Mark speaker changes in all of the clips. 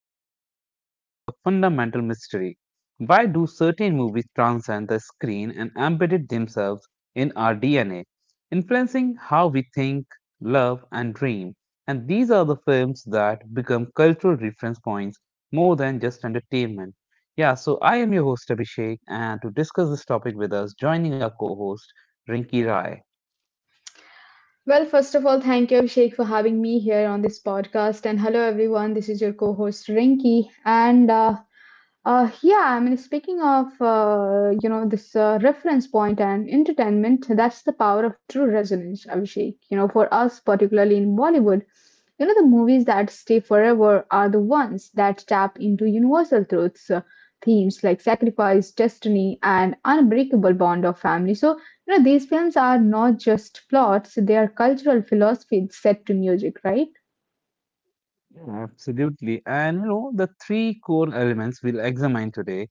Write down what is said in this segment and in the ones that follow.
Speaker 1: Today, we are unpacking a fundamental mystery. Why do certain movies transcend the screen and embedded themselves in our DNA, influencing how we think, love, and dream? And these are the films that become cultural reference points more than just entertainment. Yeah, so I am your host, Abhishek, and to discuss this topic with us, joining our co host, Rinki Rai.
Speaker 2: Well, first of all, thank you, Abhishek, for having me here on this podcast. And hello, everyone. This is your co-host Rinki. And yeah, I mean, Speaking of this reference point and entertainment, that's the power of true resonance, Abhishek. You know, for us particularly in Bollywood. You know, the movies that stay forever are the ones that tap into universal truths, themes like sacrifice, destiny, and unbreakable bond of family. So, you know, these films are not just plots, they are cultural philosophies set to music, right?
Speaker 1: Yeah, absolutely. And you know, the three core elements we'll examine today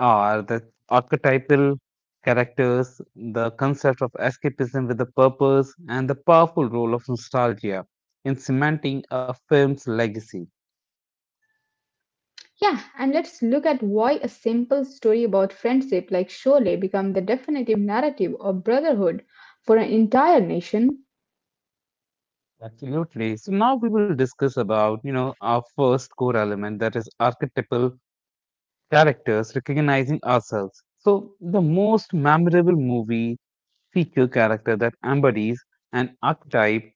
Speaker 1: are the archetypal characters, the concept of escapism with a purpose, and the powerful role of nostalgia in cementing a film's legacy.
Speaker 2: Yeah, and let's look at why a simple story about friendship like Sholay becomes the definitive narrative of brotherhood for an entire nation.
Speaker 1: Absolutely. So now we will discuss about, you know, our first core element, that is archetypal characters recognizing ourselves. So the most memorable movie feature character that embodies an archetype,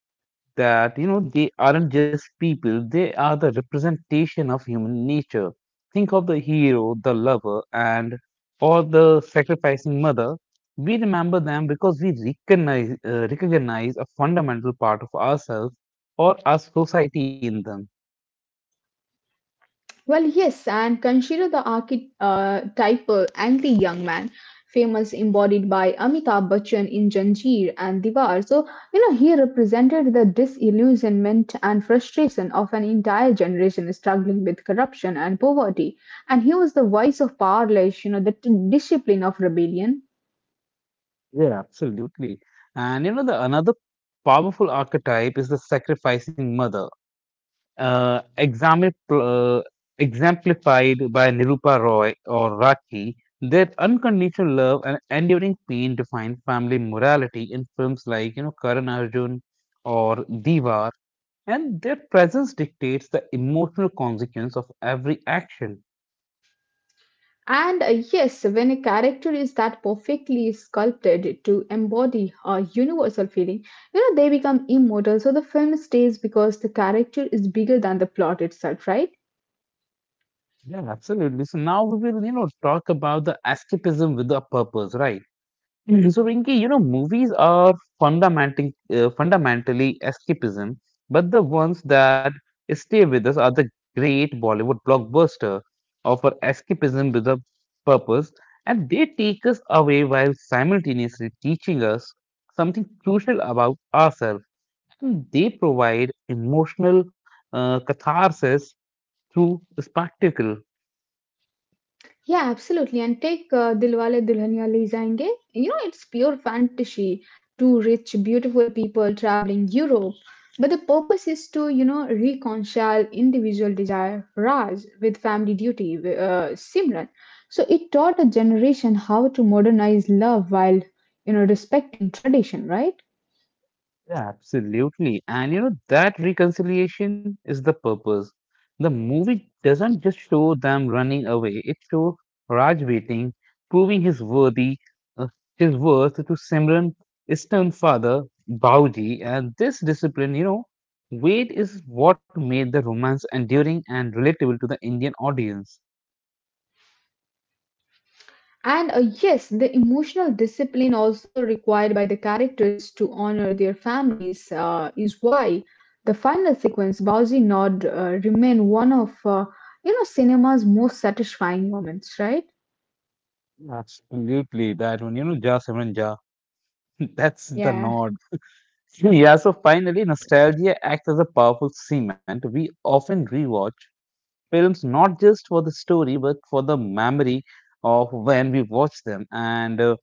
Speaker 1: that you know they aren't just people, they are the representation of human nature. Think of the hero, the lover, and or the sacrificing mother. We remember them because we recognize a fundamental part of ourselves or our society in them.
Speaker 2: Well, yes, and consider the archetypal anti-young man, famous embodied by Amitabh Bachchan in Janjeer and Diwar. So, you know, he represented the disillusionment and frustration of an entire generation struggling with corruption and poverty. And he was the voice of powerless, you know, discipline of rebellion.
Speaker 1: Yeah, absolutely. And you know, the another powerful archetype is the sacrificing mother, uh, example, uh, exemplified by Nirupa Roy or Raki. Their unconditional love and enduring pain define family morality in films like, you know, Karan Arjun or Diwar, and their presence dictates the emotional consequence of every action.
Speaker 2: And yes, when a character is that perfectly sculpted to embody a universal feeling, you know, they become immortal. So the film stays because the character is bigger than the plot itself, right?
Speaker 1: Yeah, absolutely. So now we will, you know, talk about the escapism with a purpose, right? Mhm. So, Rinki, you know, movies are fundamentally escapism, but the ones that stay with us are the great Bollywood blockbuster, offer escapism with a purpose, and they take us away while simultaneously teaching us something crucial about ourselves. And they provide emotional catharsis through spectacle.
Speaker 2: Yeah, absolutely. And take Dilwale Dulhania Le Jayenge. You know, it's pure fantasy. Two rich, beautiful people traveling Europe. But the purpose is to, you know, reconcile individual desire, Raj, with family duty, Simran. So it taught a generation how to modernize love while, you know, respecting tradition, right?
Speaker 1: Yeah, absolutely. And you know, that reconciliation is the purpose. The movie doesn't just show them running away, it shows Raj waiting, proving his worthy uh, his worth to Simran, Istan father, Bauji, and this discipline, you know, wait is what made the romance enduring and relatable to the Indian audience.
Speaker 2: And yes, the emotional discipline also required by the characters to honor their families is why the final sequence, Bowsy Nod, remain one of you know cinema's most satisfying moments, right?
Speaker 1: Absolutely, that one, you know, Ja Simran Ja. That's the
Speaker 2: Yeah.
Speaker 1: nod. Yeah, so finally, nostalgia acts as a powerful cement. We often rewatch films not just for the story, but for the memory of when we watched them, and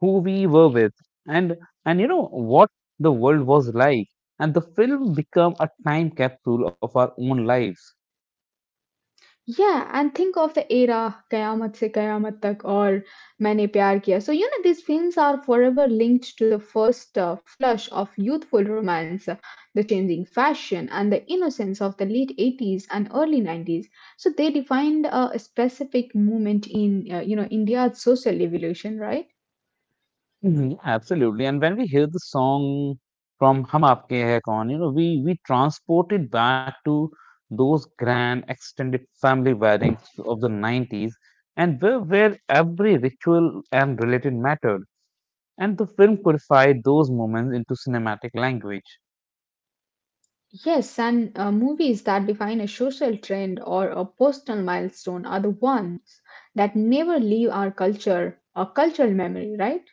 Speaker 1: who we were with, and you know what the world was like. And the film become a time capsule of our own lives.
Speaker 2: Yeah, and think of the era Kayamat se Kayamat tak or Maine Pyar Kiya. So, you know, these films are forever linked to the first flush of youthful romance, the changing fashion, and the innocence of the late 80s and early 90s. So, they defined a specific moment in, you know, India's social evolution, right?
Speaker 1: Mhm, absolutely. And when we hear the song from Hum Aapke Hai Kaun, you know, we transport it back to those grand extended family weddings of the 90s, and where every ritual and related mattered. And the film codified those moments into cinematic language.
Speaker 2: Yes, and movies that define a social trend or a personal milestone are the ones that never leave our culture, our cultural memory, right?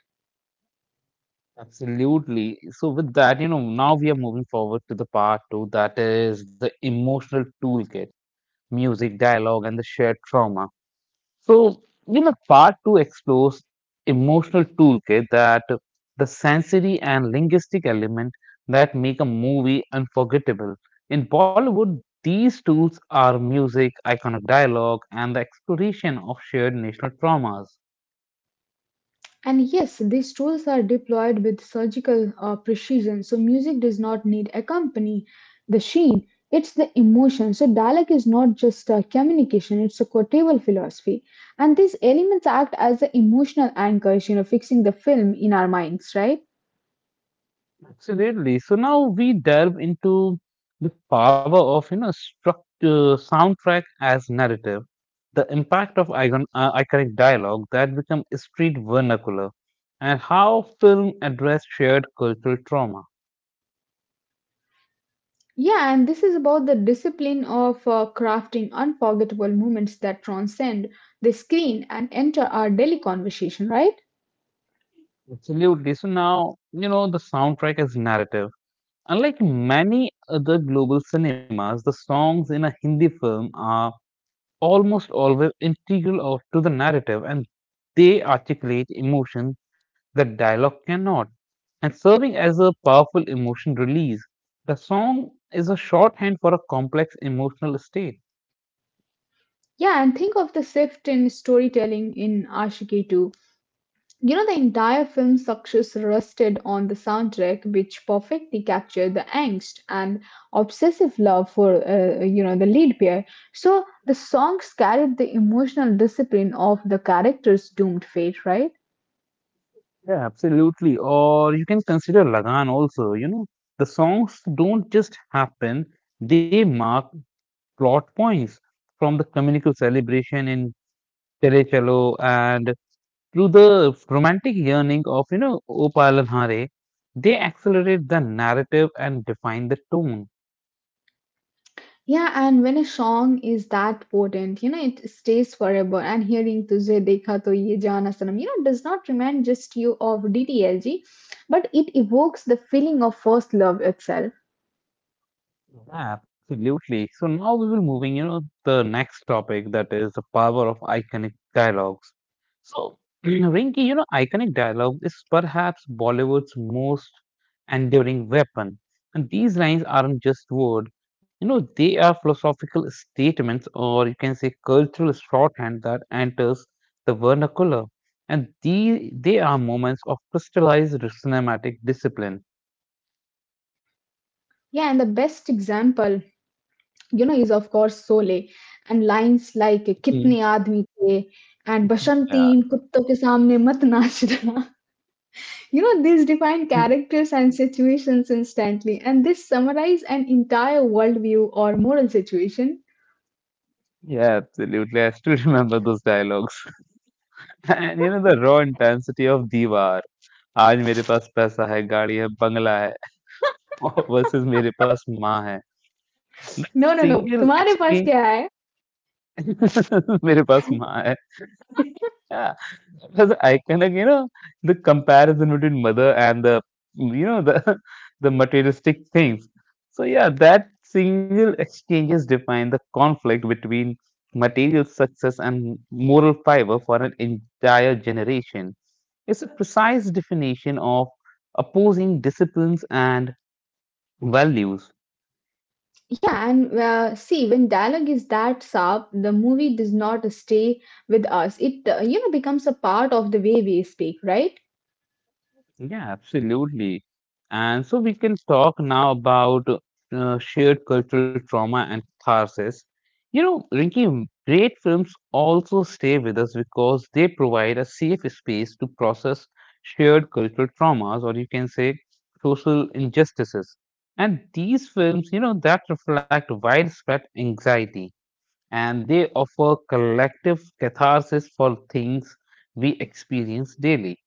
Speaker 1: Absolutely. So with that, you know, now we are moving forward to the part two, that is the emotional toolkit, music, dialogue, and the shared trauma. So, you know, part two explores emotional toolkit, that the sensory and linguistic element that make a movie unforgettable. In Bollywood, these tools are music, iconic dialogue, and the exploration of shared national traumas.
Speaker 2: And yes, these tools are deployed with surgical precision, so music does not need accompany the sheen. It's the emotion. So dialect is not just a communication; it's a quotable philosophy. And these elements act as the emotional anchors, you know, fixing the film in our minds, right?
Speaker 1: Absolutely. So now we delve into the power of, you know, structure, soundtrack as narrative, the impact of iconic dialogue that become street vernacular, and how film address shared cultural trauma.
Speaker 2: Yeah, and this is about the discipline of crafting unforgettable moments that transcend the screen and enter our daily conversation, right?
Speaker 1: Absolutely. So now, you know, the soundtrack is narrative. Unlike many other global cinemas, the songs in a Hindi film are almost always integral of, to the narrative, and they articulate emotions that dialogue cannot, and serving as a powerful emotion release. The song is a shorthand for a complex emotional state.
Speaker 2: Yeah, and think of the shift in storytelling in Ashiki too. You know, the entire film's success rested on the soundtrack, which perfectly captured the angst and obsessive love for, you know, the lead pair. So the songs carried the emotional discipline of the character's doomed fate, right?
Speaker 1: Yeah, absolutely. Or you can consider Lagan also. You know, the songs don't just happen, they mark plot points from the communal celebration in Chale Chalo, and through the romantic yearning of, you know, Opal and Hare, they accelerate the narrative and define the tone.
Speaker 2: Yeah, and when a song is that potent, you know, it stays forever. And hearing Tujhe Dekha To Ye Jaana Sanam, you know, does not remind just you of DTLG, but it evokes the feeling of first love itself.
Speaker 1: Yeah, absolutely. So now we will moving, you know, the next topic, that is the power of iconic dialogues. So, Rinki, you know, iconic dialogue is perhaps Bollywood's most enduring weapon. And these lines aren't just word, you know, they are philosophical statements, or you can say cultural shorthand that enters the vernacular. And these, they are moments of crystallized cinematic discipline.
Speaker 2: Yeah, and the best example you know is of course sole and lines like
Speaker 1: Mm.
Speaker 2: kitne aadmi the and bashanti
Speaker 1: Yeah.
Speaker 2: in kutto ke samne mat nachna you know these define characters and situations instantly and this summarize an entire worldview or moral situation.
Speaker 1: Yeah, absolutely. I still remember those dialogues. And you know the raw intensity of दीवार, आज मेरे पास पैसा है गाड़ी है बंगला है, versus मेरे पास माँ है.
Speaker 2: No, no, no,
Speaker 1: सिंगल
Speaker 2: तुम्हारे पास क्या है?
Speaker 1: एक्सचेंज. मेरे पास माँ है. As an icon, like, you know, the comparison between mother and the, you know, the the materialistic things. So yeah, that single exchanges define the conflict between material success and moral fiber for an entire generation. It's a precise definition of opposing disciplines and values.
Speaker 2: Yeah and see when dialogue is that sharp the movie does not stay with us it you know becomes a part of the way we speak, right?
Speaker 1: Yeah, absolutely. And so we can talk now about shared cultural trauma and catharsis. You know, Rinki, great films also stay with us because they provide a safe space to process shared cultural traumas, or you can say social injustices. And these films, you know, that reflect widespread anxiety, and they offer collective catharsis for things we experience daily.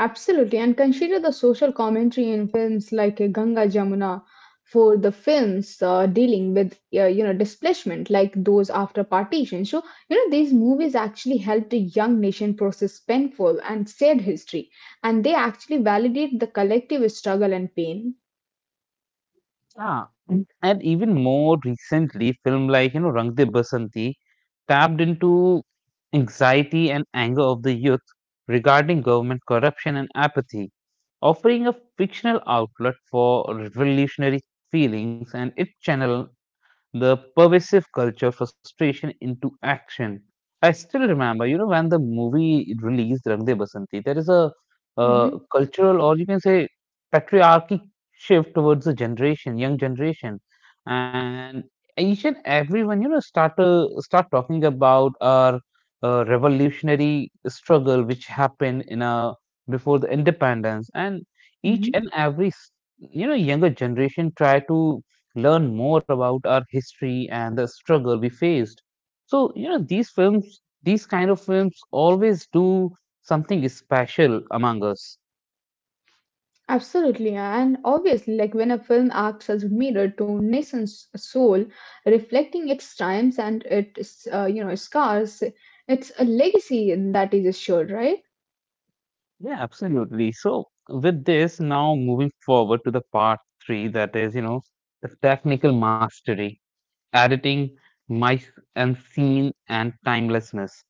Speaker 2: Absolutely, and consider the social commentary in films like Ganga Jamuna for the films dealing with you know displacement, like those after partition. So you know these movies actually helped a young nation process painful and sad history, and they actually validate the collective struggle and pain.
Speaker 1: Yeah, and even more recently, film like, you know, Rang De Basanti tapped into anxiety and anger of the youth regarding government corruption and apathy, offering a fictional outlet for revolutionary feelings, and it channel the pervasive culture frustration into action. I still remember, you know, when the movie released Rang De Basanti, there is a
Speaker 2: Mhm.
Speaker 1: cultural, or you can say patriarchy shift towards the generation, young generation, and each and everyone, you know, start talking about our revolutionary struggle which happened in a before the independence, and each and every you know younger generation try to learn more about our history and the struggle we faced. So, you know, these films, these kind of films always do something special among us.
Speaker 2: Absolutely, and obviously, like when a film acts as a mirror to nation's soul, reflecting its triumphs and its you know scars, it's a legacy that is assured, right?
Speaker 1: Yeah, absolutely. So, with this, now moving forward to the part three, that is, you know, the technical mastery, editing, mice and scene, and timelessness.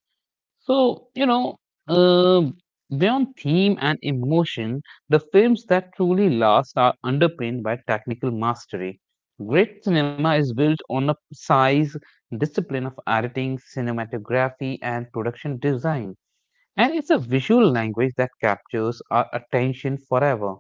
Speaker 1: So, you know, uh, beyond theme and emotion, the films that truly last are underpinned by technical mastery. Great cinema is built on a precise discipline of editing, cinematography, and production design. And it's a visual language that captures our attention forever.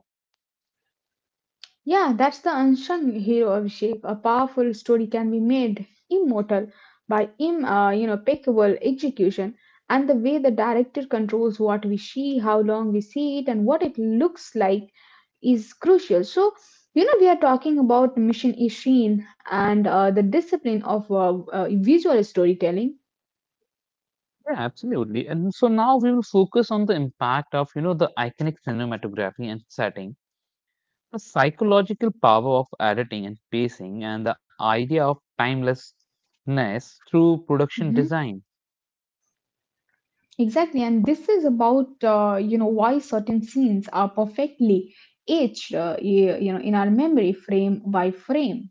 Speaker 2: Yeah, that's the unsung hero of Sheikh. A powerful story can be made immortal by im you know impeccable execution and the way the director controls what we see, how long we see it, and what it looks like is crucial. So, you know, we are talking about Mission Ishin and the discipline of visual storytelling.
Speaker 1: Yeah, absolutely. And so now we will focus on the impact of, you know, the iconic cinematography and setting. The psychological power of editing and pacing, and the idea of timelessness through production
Speaker 2: Mhm.
Speaker 1: design.
Speaker 2: Exactly, and this is about you know why certain scenes are perfectly etched, you know, in our memory frame by frame.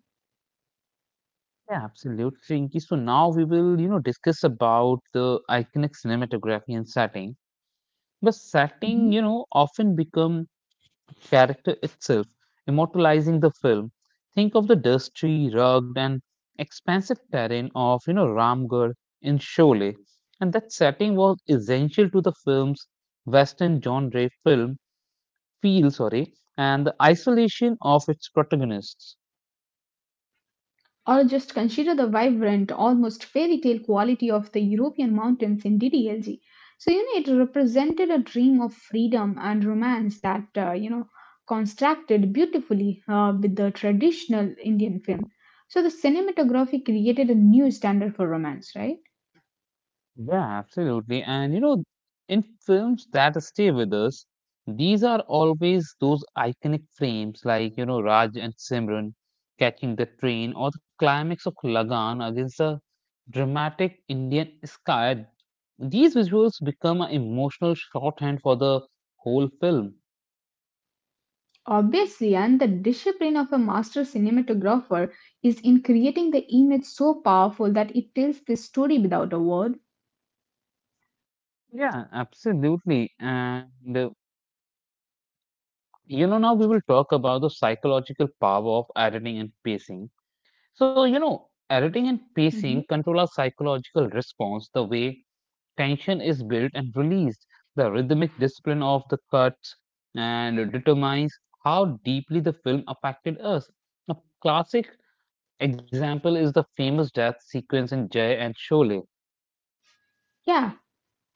Speaker 1: Yeah, absolutely. Rinki. So now we will, you know, discuss about the iconic cinematography and setting. The setting, you know, often become character itself, immortalizing the film. Think of the dusty, rugged, and expansive terrain of, you know, Ramgarh in Sholay. And that setting was essential to the film's Western genre film feel, sorry, and the isolation of its protagonists.
Speaker 2: Or just consider the vibrant, almost fairy tale quality of the European mountains in DDLG. So, you know, it represented a dream of freedom and romance that, you know, constructed beautifully with the traditional Indian film. So, the cinematography created a new standard for romance, right?
Speaker 1: Yeah, absolutely. And you know, in films that stay with us, these are always those iconic frames like, you know, Raj and Simran catching the train, or the climax of Lagan against the dramatic Indian sky. These visuals become an emotional shorthand for the whole film.
Speaker 2: Obviously, and the discipline of a master cinematographer is in creating the image so powerful that it tells the story without a word.
Speaker 1: Yeah, absolutely. And you know, now we will talk about the psychological power of editing and pacing. So, you know, editing and pacing
Speaker 2: Mhm.
Speaker 1: control our psychological response, the way tension is built and released, the rhythmic discipline of the cuts, and it determines how deeply the film affected us. A classic example is the famous death sequence in Jay and Sholay.
Speaker 2: Yeah,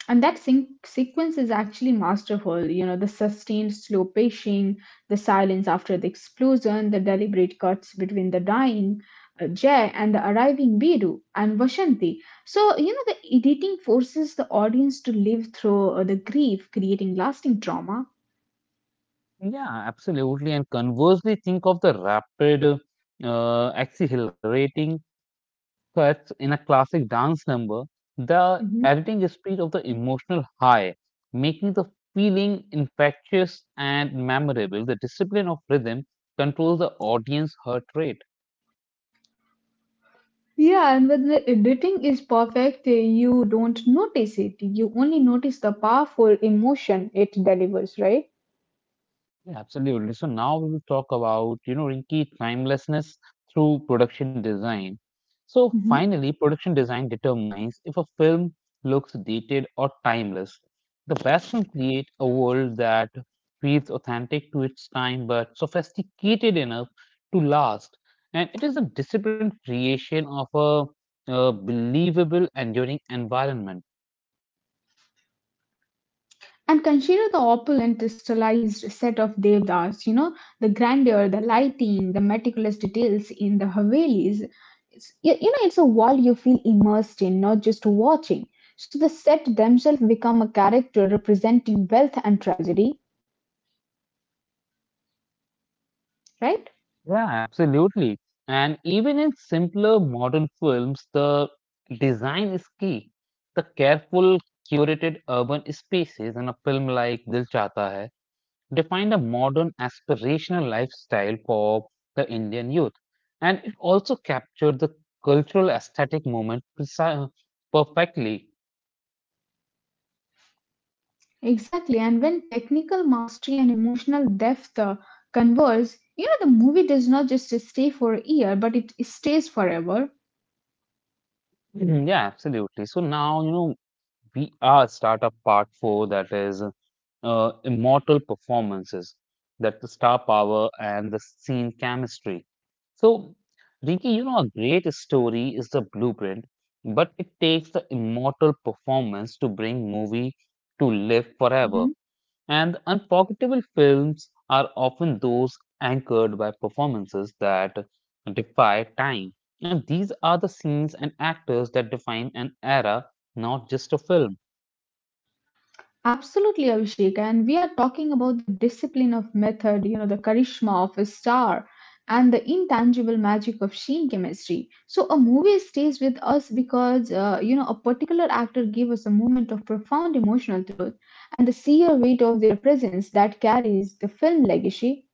Speaker 2: and that sync sequence is actually masterful. You know, the sustained slow pacing, the silence after the explosion, the deliberate cuts between the dying Jay and the arriving Biru and Vashanti. So, you know, the editing forces the audience to live through the grief, creating lasting trauma.
Speaker 1: Yeah, absolutely. And conversely, think of the rapid, accelerating cuts in a classic dance number, the
Speaker 2: Mhm.
Speaker 1: editing speed of the emotional high, making the feeling infectious and memorable. The discipline of rhythm controls the audience heart rate.
Speaker 2: Yeah, and when the editing is perfect, you don't notice it. You only notice the powerful emotion it delivers, right?
Speaker 1: Yeah, absolutely. So now we will talk about, you know, Rinky timelessness through production design. So finally, production design determines if a film looks dated or timeless. The best can create a world that feels authentic to its time but sophisticated enough to last. And it is a disciplined creation of a, believable, enduring environment.
Speaker 2: And consider the opulent, stylized set of devdas, you know, the grandeur, the lighting, the meticulous details in the Havelis. You know, it's a world you feel immersed in, not just watching. So the set themselves become a character representing wealth and tragedy, right?
Speaker 1: Yeah, absolutely. And even in simpler modern films, the design is key. The careful, curated urban spaces in a film like Dil Chahta Hai defined a modern aspirational lifestyle for the Indian youth. And it also captured the cultural aesthetic moment perfectly.
Speaker 2: Exactly. And when technical mastery and emotional depth converge, you know, the movie does not just stay for a year, but it stays forever.
Speaker 1: Mhm, yeah, absolutely. So now, you know, we are start up part four, that is immortal performances, that the star power and the scene chemistry. So, Rinki, you know, a great story is the blueprint, but it takes the immortal performance to bring movie to live forever.
Speaker 2: Mm-hmm.
Speaker 1: And unforgettable films are often those anchored by performances that defy time. And these are the scenes and actors that define an era, not just a film.
Speaker 2: Absolutely, Abhishek. And we are talking about the discipline of method, you know, the charisma of a star, and the intangible magic of sheen chemistry. So, a movie stays with us because, you know, a particular actor gave us a moment of profound emotional truth, and the sheer weight of their presence that carries the film legacy.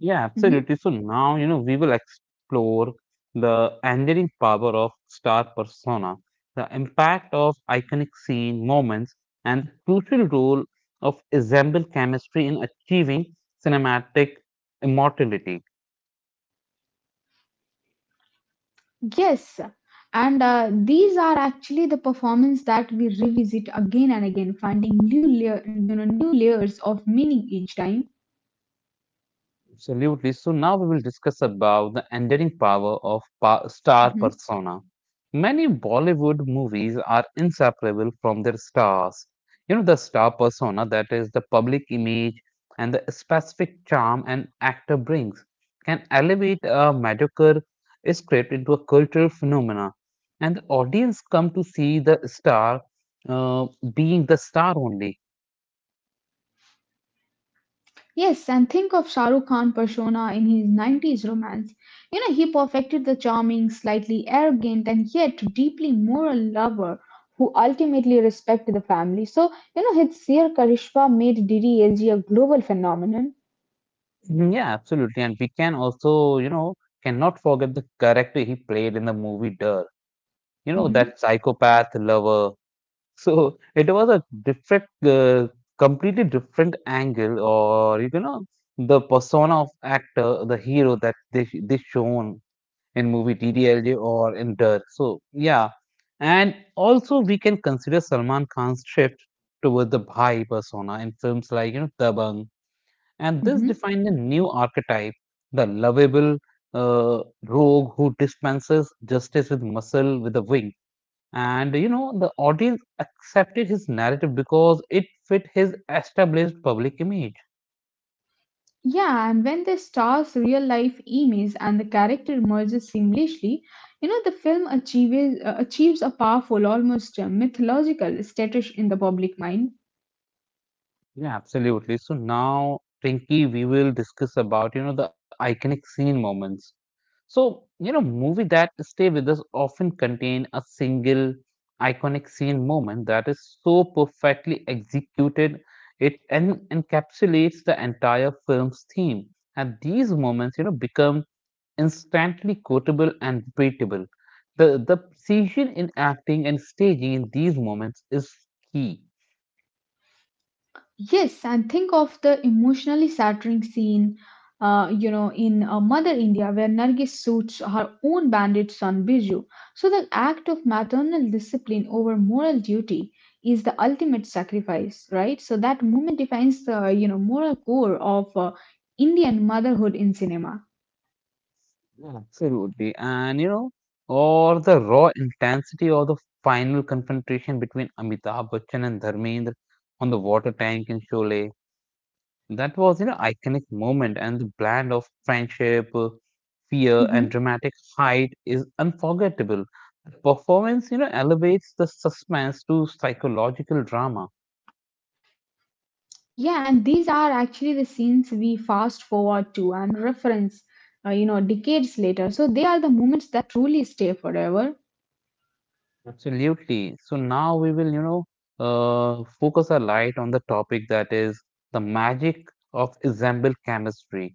Speaker 1: Yeah,
Speaker 2: Mhm.
Speaker 1: absolutely. So now, you know, we will explore the enduring power of star persona, the impact of iconic scene moments, and the crucial role of ensemble chemistry in achieving cinematic immortality.
Speaker 2: Yes. And these are actually the performance that we revisit again and again, finding you know, new layers of meaning each time.
Speaker 1: Absolutely. So now we will discuss about the enduring power of star
Speaker 2: Mm-hmm.
Speaker 1: persona. Many Bollywood movies are inseparable from their stars. You know, the star persona, that is the public image and the specific charm an actor brings, can elevate a mediocre script into a cultural phenomena, and the audience come to see the star uh, being the star only.
Speaker 2: Yes, and think of Shah Rukh Khan persona in his 90s romance. You know, he perfected the charming, slightly arrogant, and yet deeply moral lover who ultimately respected the family. So, you know, his Seer Karishma made DDLG a global phenomenon.
Speaker 1: Mhm, yeah, absolutely. And we can also, you know, cannot forget the character he played in the movie Dirt. You know, that
Speaker 2: Mhm,
Speaker 1: psychopath lover. So it was a different, completely different angle, or you know, the persona of actor, the hero that they shown in movie TDLJ or in Dirt. So yeah, and also we can consider Salman Khan's shift towards the Bhai persona in films like you know Dabang, and this
Speaker 2: mhm.
Speaker 1: defined a new archetype, the lovable uh, rogue who dispenses justice with muscle with a wing. And you know, the audience accepted his narrative because it fit his established public image.
Speaker 2: Yeah, and when the star's real life image and the character merges seamlessly, you know, achieves a powerful, almost mythological status in the public mind.
Speaker 1: Yeah, absolutely. So now, Pinky, we will discuss about you know the iconic scene moments. So, you know, movie that stay with us often contain a single iconic scene moment that is so perfectly executed, it en encapsulates the entire film's theme. And these moments, you know, become instantly quotable and repeatable. The precision in acting and staging in these moments is key.
Speaker 2: Yes, and think of the emotionally shattering scene, you know, in Mother India, where Nargis suits her own bandit son Biju. So the act of maternal discipline over moral duty is the ultimate sacrifice, right? So that moment defines the you know moral core of Indian motherhood in cinema.
Speaker 1: Yeah, absolutely. And you know, or the raw intensity of the final confrontation between Amitabh Bachchan and Dharmendra on the water tank in Sholay. That was, you know, iconic moment, and the blend of friendship, fear and
Speaker 2: hmm
Speaker 1: dramatic height is unforgettable. The performance, you know, elevates the suspense to psychological drama.
Speaker 2: Yeah, and these are actually the scenes we fast forward to and reference, you know, decades later. So they are the moments that truly stay forever.
Speaker 1: Absolutely. So now we will, you know, focus our light on the topic that is the magic of ensemble chemistry.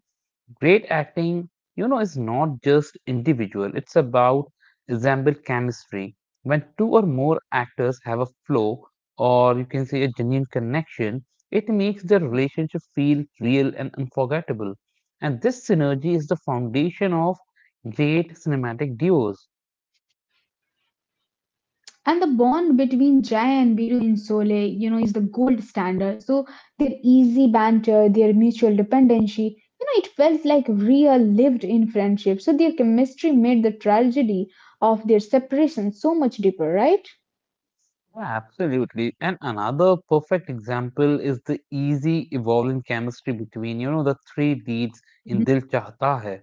Speaker 1: Great acting, you know, is not just individual, it's about ensemble chemistry. When two or more actors have a flow, or you can say a genuine connection, it makes the relationship feel real and unforgettable. And this synergy is the foundation of great cinematic duos.
Speaker 2: And the bond between Jai and Biru in Sole, you know, is the gold standard. So their easy banter, their mutual dependency, you know, it felt like real lived in friendship. So their chemistry made the tragedy of their separation so much deeper, right?
Speaker 1: Yeah, absolutely. And another perfect example is the easy evolving chemistry between, you know, the three leads in Dil Chahta Hai.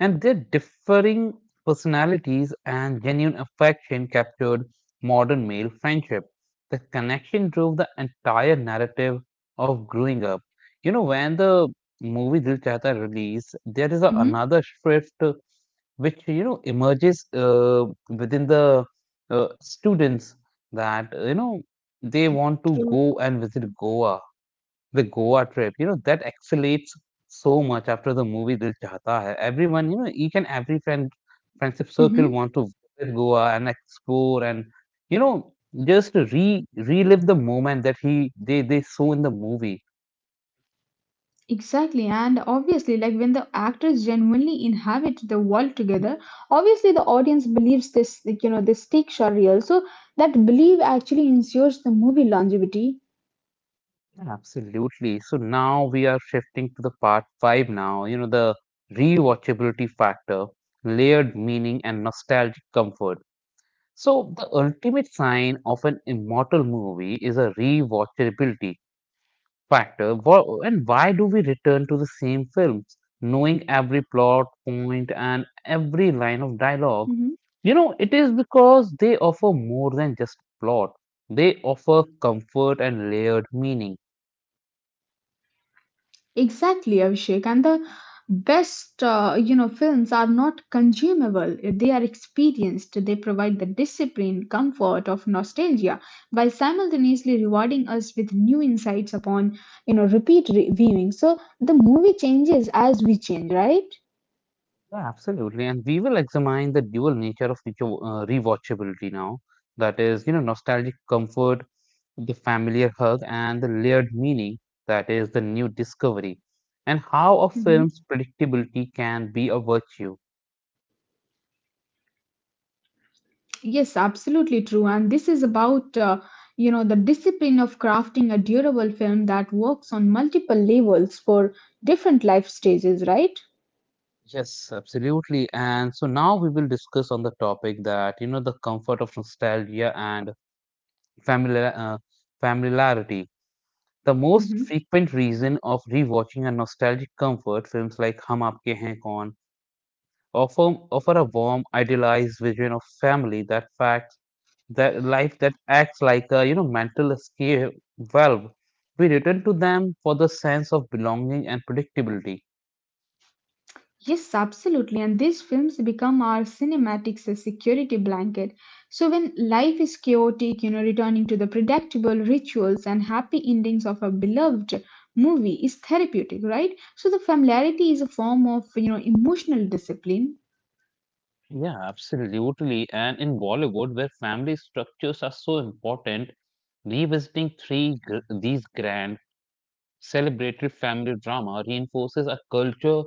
Speaker 1: And their differing personalities and genuine affection captured modern male friendship. The connection drove the entire narrative of growing up. You know, when the movie Dil Chahta released, there is
Speaker 2: hmm
Speaker 1: another shift which you know emerges within the students, that you know they want to
Speaker 2: True.
Speaker 1: go and visit Goa, the Goa trip. You know that accelerates so much after the movie Dil Chahta Hai. Everyone, you know, each and every friendship circle
Speaker 2: Mm-hmm,
Speaker 1: want to visit Goa and explore, and you know just re relive the moment that he they saw in the movie.
Speaker 2: exactly. And obviously, like when the actors genuinely inhabit the world together, obviously the audience believes this, like, you know, the stakes are real. So that belief actually ensures the movie longevity.
Speaker 1: Absolutely. So now we are shifting to the part five now, you know, the rewatchability factor, layered meaning, and nostalgic comfort. So the ultimate sign of an immortal movie is a rewatchability factor. And why do we return to the same films, knowing every plot point and every line of dialogue? You know, it is because they offer more than just plot. They offer comfort and layered meaning.
Speaker 2: Exactly, Abhishek. And the best, you know, films are not consumable. They are experienced. They provide the discipline, comfort of nostalgia, while simultaneously rewarding us with new insights upon, you know, viewing. So the movie changes as we change, right?
Speaker 1: Yeah, absolutely. And we will examine the dual nature of rewatchability now. That is, you know, nostalgic comfort, the familiar hug, and the layered meaning. That is the new discovery. And how a
Speaker 2: hmm
Speaker 1: film's predictability can be a virtue.
Speaker 2: Yes, absolutely true. And this is about, you know, the discipline of crafting a durable film that works on multiple levels for different life stages, right?
Speaker 1: Yes, absolutely. And so now we will discuss on the topic that, you know, the comfort of nostalgia and familiar, uh, familiarity. The most
Speaker 2: Mhm.
Speaker 1: frequent reason of rewatching a nostalgic comfort films like Hum Aapke Hain Kaun offer a warm, idealized vision of family that facts, that life, that acts like a you know mental escape valve. We return to them for the sense of belonging and predictability.
Speaker 2: Yes, absolutely. And these films become our cinematics a security blanket. So when life is chaotic, you know, returning to the predictable rituals and happy endings of a beloved movie is therapeutic, right? So the familiarity is a form of, you know, emotional discipline.
Speaker 1: Yeah, absolutely. And in Bollywood, where family structures are so important, revisiting these grand celebratory family drama reinforces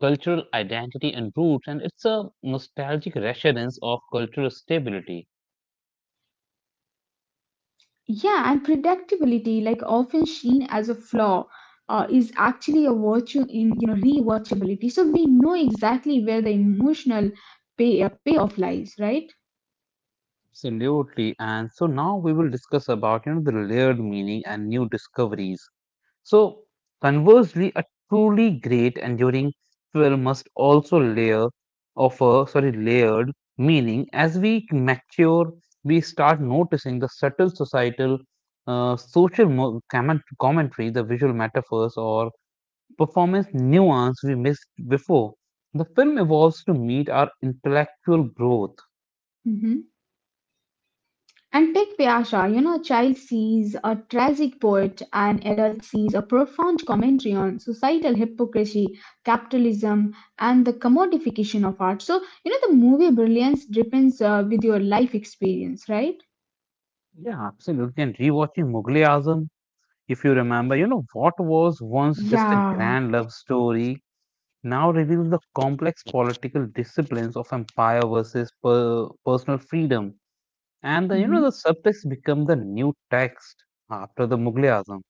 Speaker 1: cultural identity and roots, and it's a nostalgic reassurance of cultural stability.
Speaker 2: Yeah, and predictability, like often seen as a flaw, is actually a virtue in, you know, rewatchability. So we know exactly where the emotional payoff lies, right?
Speaker 1: Absolutely. And so now we will discuss about you know the layered meaning and new discoveries. So conversely, a truly great enduring film must also layer offer sorry layered meaning. As we mature, we start noticing the subtle societal social commentary, the visual metaphors or performance nuance we missed before. The film evolves to meet our intellectual growth.
Speaker 2: Mhm. And take Piasha, you know, a child sees a tragic poet, an adult sees a profound commentary on societal hypocrisy, capitalism, and the commodification of art. So, you know, the movie brilliance depends with your life experience, right?
Speaker 1: Yeah, absolutely. And rewatching Mughal Azam, if you remember, you know, what was once just a
Speaker 2: Yeah.
Speaker 1: grand love story now reveals the complex political disciplines of empire versus personal freedom. And the, you know, the
Speaker 2: hmm
Speaker 1: subtext become the new text after the Mughal Azam.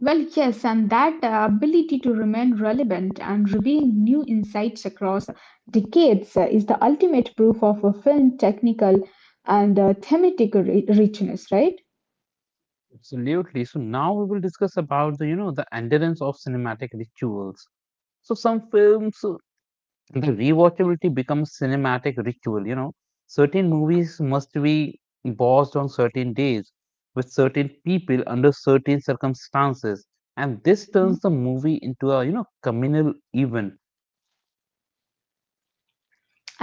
Speaker 2: Well, yes, and that ability to remain relevant and reveal new insights across decades is the ultimate proof of a film's technical and thematic richness, right?
Speaker 1: Absolutely. So now we will discuss about the, you know, the endurance of cinematic rituals. So some films, the rewatchability becomes cinematic ritual, you know. Certain movies must be watched on certain days, with certain people under certain circumstances. And this turns the movie into a, you know, communal event.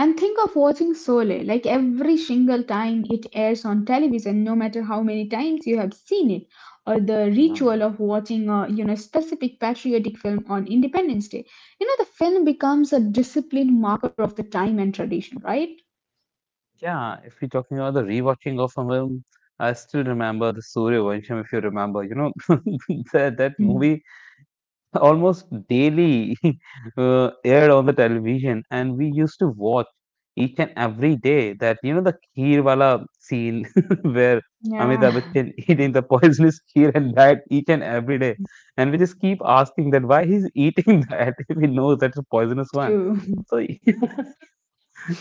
Speaker 2: And think of watching Sole, like every single time it airs on television, no matter how many times you have seen it, or the
Speaker 1: Yeah.
Speaker 2: ritual of watching a you know specific patriotic film on Independence Day. You know, the film becomes a disciplined marker of the time and tradition, right?
Speaker 1: Yeah, if you're talking about the rewatching of a film, I still remember the Surya Vansham, if you remember, you know, that
Speaker 2: Hmm.
Speaker 1: movie. Almost daily, aired on the television, and we used to watch each and every day, that you know, the kheer wala scene, where
Speaker 2: Yeah,
Speaker 1: Amitabh Bachchan eating the poisonous kheer, and that each and every day, and we just keep asking that why he's eating that, if he knows that's a poisonous one,
Speaker 2: true.
Speaker 1: so.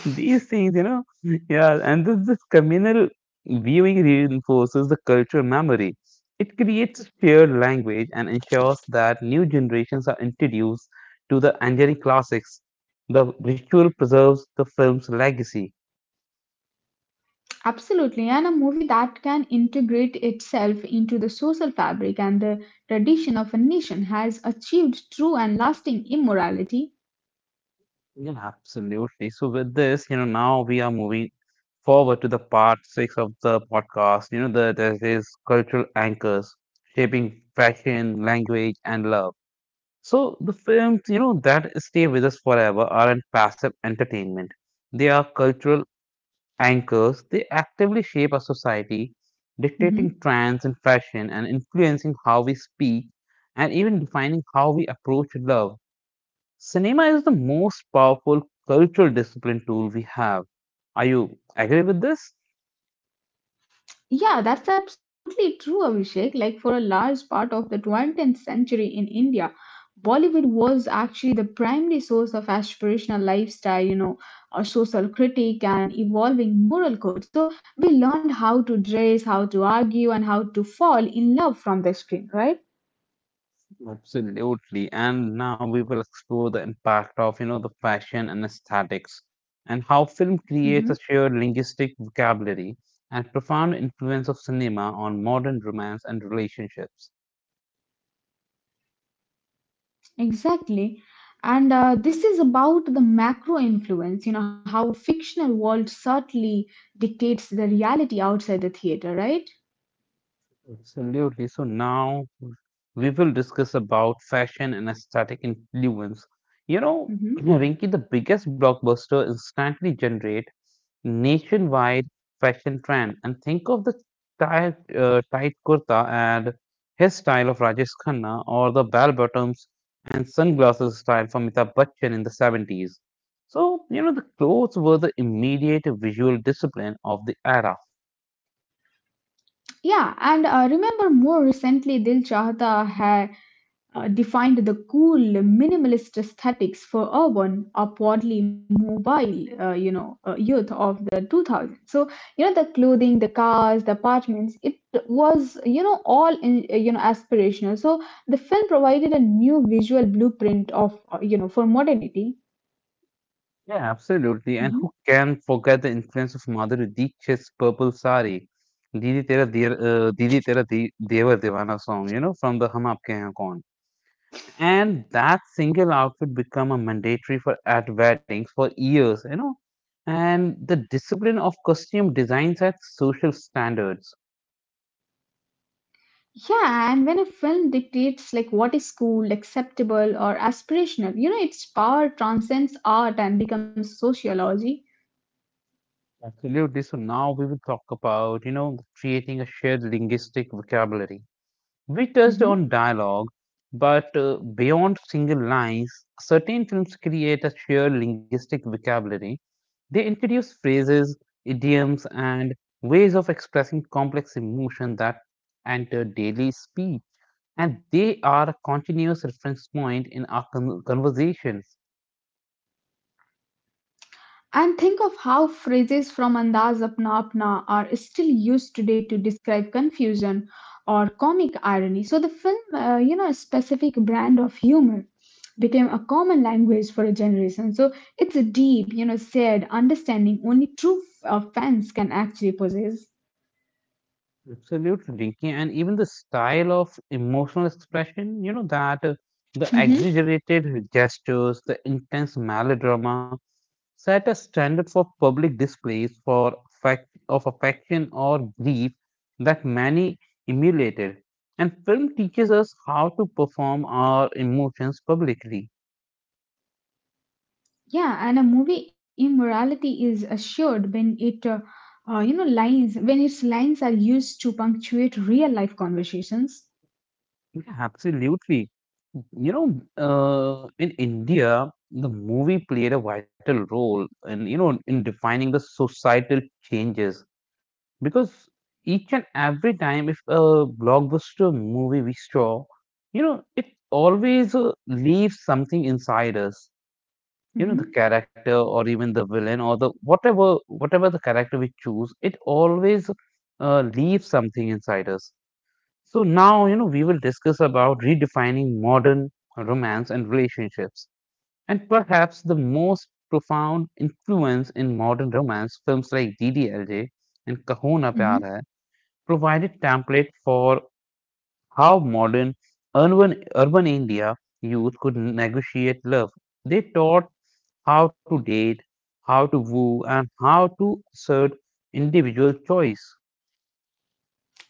Speaker 1: These things, you know, yeah. And this communal viewing reinforces the cultural memory. It creates a shared language and ensures that new generations are introduced to the Anjani classics. The ritual preserves the film's legacy.
Speaker 2: Absolutely. And a movie that can integrate itself into the social fabric and the tradition of a nation has achieved true and lasting immorality.
Speaker 1: Yeah, absolutely. So with this, you know, now we are moving forward to the part six of the podcast. You know, there is cultural anchors shaping fashion, language, and love. So the films, you know, that stay with us forever aren't passive entertainment. They are cultural anchors. They actively shape our society,
Speaker 2: Mm-hmm.
Speaker 1: dictating trends and fashion and influencing how we speak, and even defining how we approach love. Cinema is the most powerful cultural discipline tool we have. Are you agree with this?
Speaker 2: Yeah, that's absolutely true, Abhishek. Like for a large part of the 20th century in India, Bollywood was actually the primary source of aspirational lifestyle or social critique and evolving moral code. So we learned how to dress, how to argue, and how to fall in love from the screen, right?
Speaker 1: Absolutely, totally. And now we will explore the impact of, you know, the fashion and aesthetics, and how film
Speaker 2: hmm
Speaker 1: creates a shared linguistic vocabulary, and profound influence of cinema on modern romance and relationships.
Speaker 2: Exactly. And this is about the macro influence, you know, how fictional world subtly dictates the reality outside the theater, right?
Speaker 1: Absolutely. So now we will discuss about fashion and aesthetic influence. You know, Rinki, the biggest blockbuster instantly generate nationwide fashion trend. And think of the tight kurta and his style of Rajesh Khanna, or the bell bottoms and sunglasses style from Amitabh Bachchan in the 70s. So, you know, the clothes were the immediate visual discipline of the era.
Speaker 2: Yeah, and remember more recently, Dil Chahta had defined the cool minimalist aesthetics for urban, upwardly mobile, you know, youth of the 2000s. So, you know, the clothing, the cars, the apartments, it was, you know, all, in, you know, aspirational. So the film provided a new visual blueprint of, you know, for modernity.
Speaker 1: Yeah, absolutely. And
Speaker 2: Mm-hmm.
Speaker 1: who can forget the influence of Madhuri Dixit's Purple Sari, Didi Tera Deer, Didi Tera De- Deva Devana song, you know, from the Hum Aapke Hain Kaun. And that single outfit become a mandatory for at weddings for years, you know. And the discipline of costume designs at social standards.
Speaker 2: Yeah, and when a film dictates like what is cool, acceptable, or aspirational, you know, its power transcends art and becomes sociology.
Speaker 1: Absolutely. So now we will talk about, you know, creating a shared linguistic vocabulary. We touched
Speaker 2: Mhm.
Speaker 1: on dialogue, but beyond single lines, certain films create a shared linguistic vocabulary. They introduce phrases, idioms, and ways of expressing complex emotion that enter daily speech, and they are a continuous reference point in our conversations.
Speaker 2: And think of how phrases from Andaz Apna Apna are still used today to describe confusion or comic irony. So the film, you know, a specific brand of humor became a common language for a generation. So it's a deep, you know, shared understanding only true fans can actually possess.
Speaker 1: Absolutely, Rinki. And even the style of emotional expression, you know, that the
Speaker 2: Mhm.
Speaker 1: exaggerated gestures, the intense melodrama, set a standard for public displays for fact of affection or grief that many emulated. And film teaches us how to perform our emotions publicly.
Speaker 2: Yeah, and a movie immorality is assured when it, you know, lines when its lines are used to punctuate real life conversations.
Speaker 1: Yeah, absolutely. You know, in India, the movie played a vital role in, you know, in defining the societal changes, because each and every time if a blockbuster movie we saw, you know, it always leaves something inside us, you know, the
Speaker 2: hmm
Speaker 1: character or even the villain or the whatever the character we choose, it always leaves something inside us. So now, you know, we will discuss about redefining modern romance and relationships. And perhaps the most profound influence in modern romance films like ddlj and kahuna pyar
Speaker 2: hmm
Speaker 1: hai provided template for how modern urban India youth could negotiate love. They taught how to date, how to woo, and how to assert individual choice.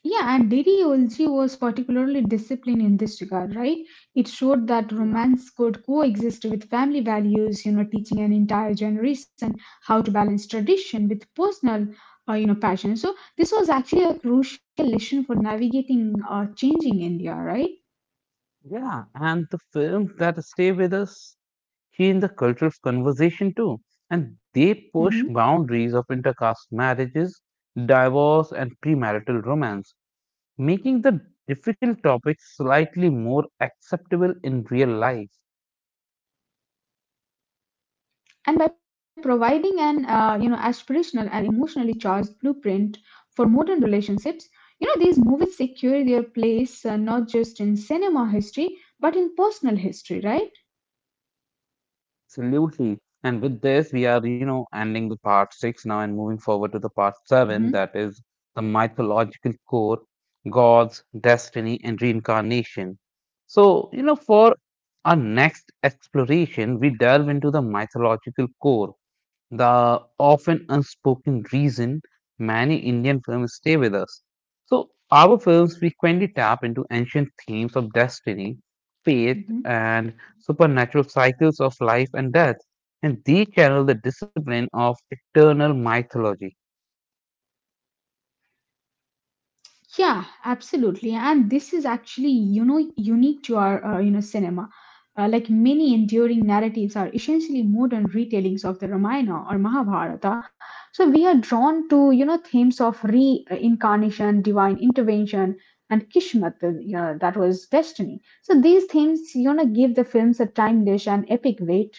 Speaker 2: Yeah, and Didi Olji was particularly disciplined in this regard, right? It showed that
Speaker 1: Yeah,
Speaker 2: romance could coexist with family values, you know, teaching an entire generation how to balance tradition with personal, you know, passion. So this was actually a crucial lesson for navigating changing India, right?
Speaker 1: yeah. And the films that stay with us change the culture of conversation too, and they push
Speaker 2: Mm-hmm.
Speaker 1: boundaries of intercaste marriages, divorce, and premarital romance, making the difficult topics slightly more acceptable in real life.
Speaker 2: And by providing an you know aspirational and emotionally charged blueprint for modern relationships you know these movies secure their place not just in cinema history but in personal history right.
Speaker 1: Absolutely. And with this, we are, you know, ending the part six now and moving forward to the part seven, that is the mythological core, gods, destiny, and reincarnation. So, for our next exploration, we delve into the mythological core, the often unspoken reason many Indian films stay with us. So, our films frequently tap into ancient themes of destiny, fate,
Speaker 2: hmm
Speaker 1: and supernatural cycles of life and death, and they channel the discipline of eternal mythology.
Speaker 2: Yeah, absolutely. And this is actually, you know, unique to our, you know, cinema. Like many enduring narratives are essentially modern retellings of the Ramayana or Mahabharata. So we are drawn to, you know, themes of reincarnation, divine intervention, and Kishmat, you know, that was destiny. So these themes, you know, give the films a timeless and epic weight.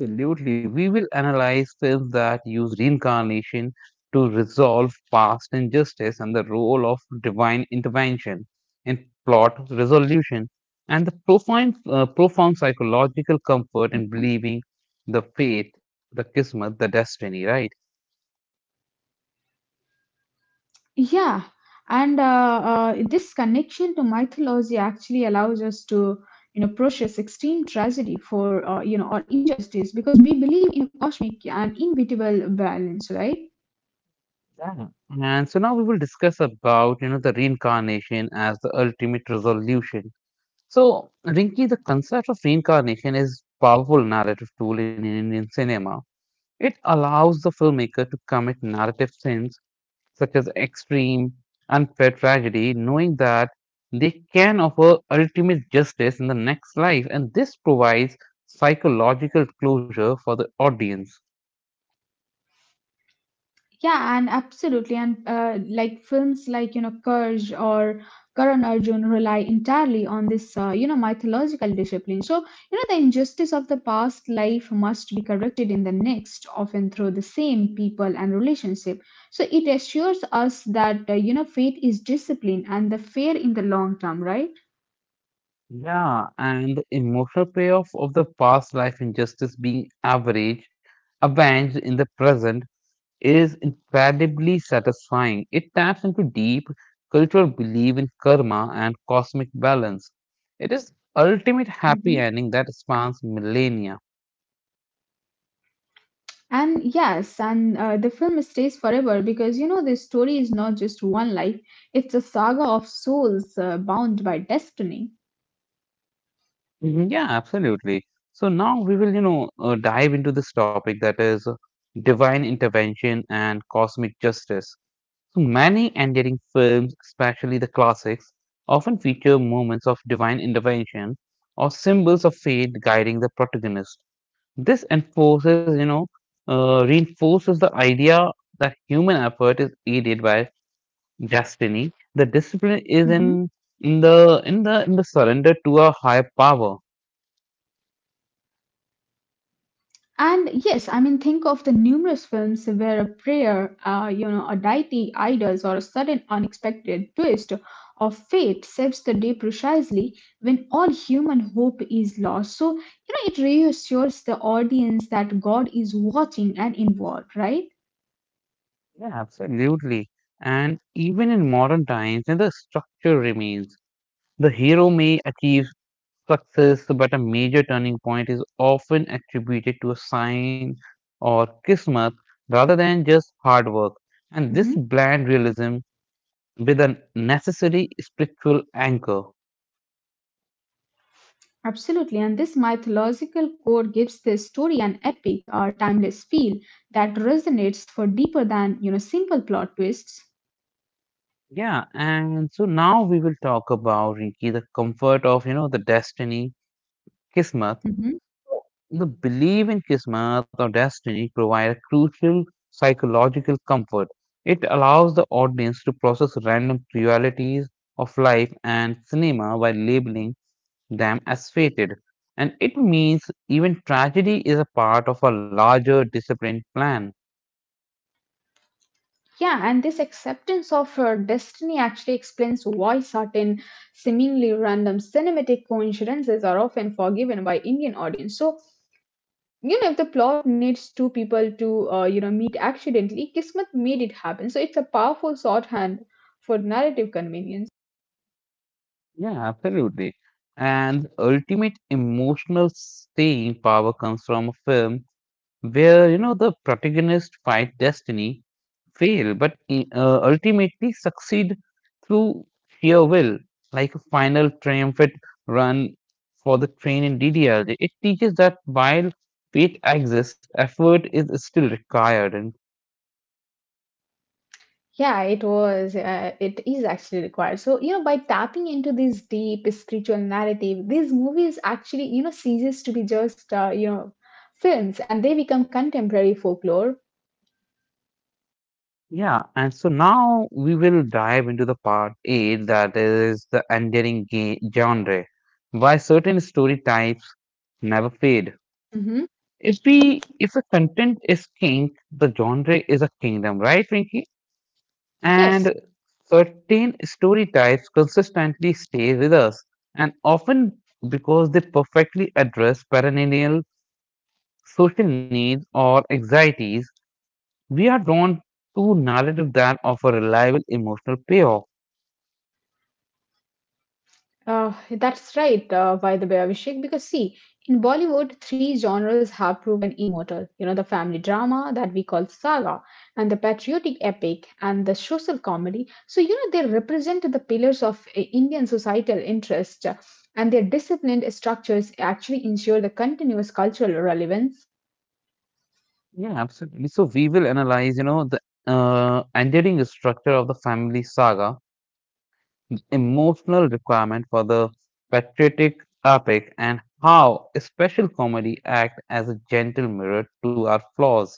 Speaker 1: Absolutely, we will analyze films that use reincarnation to resolve past injustice and the role of divine intervention in plot resolution, and the profound, profound psychological comfort in believing the fate, the kismet, the destiny, right?
Speaker 2: Yeah, and this connection to mythology actually allows us to, you know, process extreme tragedy for, you know, or injustice because we believe in a cosmic and inevitable balance, right?
Speaker 1: Yeah. And so now we will discuss about the reincarnation as the ultimate resolution. So, Rinki, the concept of reincarnation is powerful narrative tool in Indian cinema. It allows the filmmaker to commit narrative sins such as extreme, unfair tragedy, knowing that they can offer ultimate justice in the next life, and this provides psychological closure for the audience.
Speaker 2: Yeah, and absolutely. And like films like, you know, Courage or Karan Arjun rely entirely on this, you know, mythological discipline. So, you know, the injustice of the past life must be corrected in the next, often through the same people and relationship. So it assures us that, you know, fate is discipline and the fair in the long term, right?
Speaker 1: Yeah, and the emotional payoff of the past life injustice being average, avenged in the present is incredibly satisfying. It taps into deep cultural belief in karma and cosmic balance. It is ultimate happy
Speaker 2: Mhm.
Speaker 1: ending that spans millennia.
Speaker 2: And yes, and the film stays forever because you know this story is not just one life; it's a saga of souls bound by destiny.
Speaker 1: Mhm. Yeah, absolutely. So now we will, dive into this topic that is divine intervention and cosmic justice. So many endearing films, especially the classics, often feature moments of divine intervention or symbols of fate guiding the protagonist. This enforces, reinforces the idea that human effort is aided by destiny. The discipline is
Speaker 2: Mhm.
Speaker 1: in in the surrender to a higher power.
Speaker 2: And yes, I mean, think of the numerous films where a prayer, you know, a deity, idols, or a sudden unexpected twist of fate sets the day precisely when all human hope is lost. So, you know, it reassures the audience that God is watching and involved, right?
Speaker 1: Yeah, absolutely. And even in modern times, you the structure remains. The hero may achieve success, but a major turning point is often attributed to a sign or kismet rather than just hard work. And this
Speaker 2: Mhm.
Speaker 1: bland realism with a necessary spiritual anchor.
Speaker 2: Absolutely, and this mythological core gives the story an epic or timeless feel that resonates for deeper than you know simple plot twists.
Speaker 1: Yeah, and so now we will talk about Rinki, the comfort of the destiny, Kismat.
Speaker 2: Mhm.
Speaker 1: The belief in Kismat or destiny provide a crucial psychological comfort. It allows the audience to process random realities of life and cinema by labeling them as fated. And it means even tragedy is a part of a larger disciplined plan.
Speaker 2: Yeah, and this acceptance of destiny actually explains why certain seemingly random cinematic coincidences are often forgiven by Indian audience. So you know, if the plot needs two people to you know meet accidentally, Kismet made it happen. So it's a powerful shorthand for narrative convenience.
Speaker 1: Yeah, absolutely. And the ultimate emotional staying power comes from a film where, the protagonist fight destiny, fail, but ultimately succeed through sheer will, like a final triumphant run for the train in DDLJ. It teaches that while fate exists, effort is still required. And
Speaker 2: Yeah, it was. It is actually required. So, you know, by tapping into this deep spiritual narrative, these movies actually, you know, ceases to be just, you know, films and they become contemporary folklore.
Speaker 1: yeah, and so now we will dive into the part 8 that is the enduring genre. Why certain story types never fade.
Speaker 2: hmm
Speaker 1: If we if the content is king, the genre is a kingdom, right, Rinky?
Speaker 2: Yes.
Speaker 1: And certain story types consistently stay with us, and often because they perfectly address perennial social needs or anxieties, we are drawn to narrative that offer reliable emotional payoff.
Speaker 2: That's right, by the way, Abhishek, because see, in Bollywood, three genres have proven immortal. You know, the family drama that we call saga, and the patriotic epic, and the social comedy. So, you know, they represent the pillars of Indian societal interest, and their disciplined structures actually ensure the continuous cultural relevance.
Speaker 1: Yeah, absolutely. So we will analyze, you know, the enduring structure of the family saga, emotional requirement for the patriotic epic, and how special comedy act as a gentle mirror to our flaws.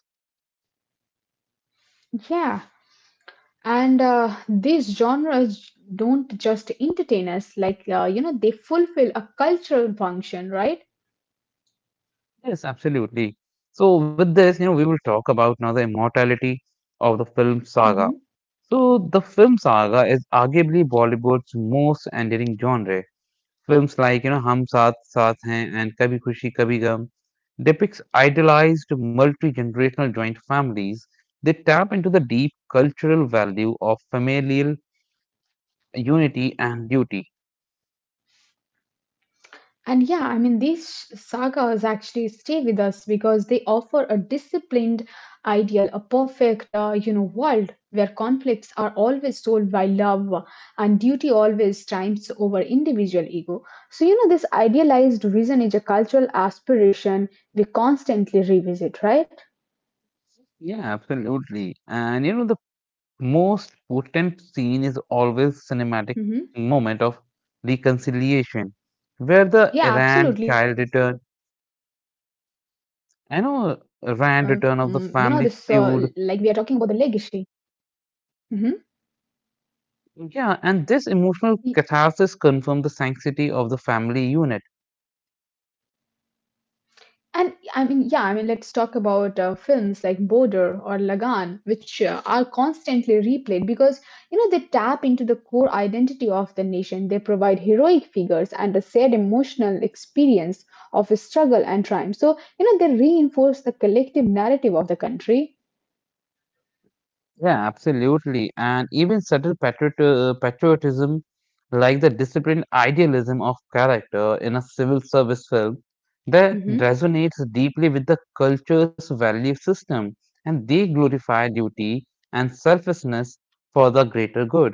Speaker 2: Yeah, and these genres don't just entertain us, like, you know, they fulfill a cultural function, right?
Speaker 1: Yes, absolutely. So with this, we will talk about now the immortality of the film
Speaker 2: Mm-hmm.
Speaker 1: saga. So the film saga is arguably Bollywood's most enduring genre. Films like, Hum Saath Saath Hain and Kabhi Khushi Kabhi Gum depicts idealized multi-generational joint families. They tap into the deep cultural value of familial unity and duty.
Speaker 2: And yeah, I mean, these sagas actually stay with us because they offer a disciplined ideal, a perfect, you know, world where conflicts are always solved by love and duty always triumphs over individual ego. So, you know, this idealized vision is a cultural aspiration we constantly revisit, right?
Speaker 1: Yeah, absolutely. And the most potent scene is always cinematic
Speaker 2: hmm
Speaker 1: moment of reconciliation, where the
Speaker 2: Yeah,
Speaker 1: errant
Speaker 2: absolutely.
Speaker 1: child
Speaker 2: Yeah,
Speaker 1: return,
Speaker 2: you know, this,
Speaker 1: I know
Speaker 2: like we are
Speaker 1: errant
Speaker 2: talking
Speaker 1: return of
Speaker 2: about
Speaker 1: the
Speaker 2: the
Speaker 1: family
Speaker 2: legacy.
Speaker 1: feud.
Speaker 2: hmm
Speaker 1: Yeah, and this emotional catharsis confirmed the sanctity of the family unit.
Speaker 2: And I mean, yeah, I mean, let's talk about films like Border or Lagan, which are constantly replayed because, you know, they tap into the core identity of the nation. They provide heroic figures and a shared emotional experience of a struggle and triumph. So, you know, they reinforce the collective narrative of the country.
Speaker 1: Yeah, absolutely. And even subtle patriotism, like the disciplined idealism of character in a civil service film, that
Speaker 2: Mhm.
Speaker 1: resonates deeply with the culture's value system, and they glorify duty and selflessness for the greater good.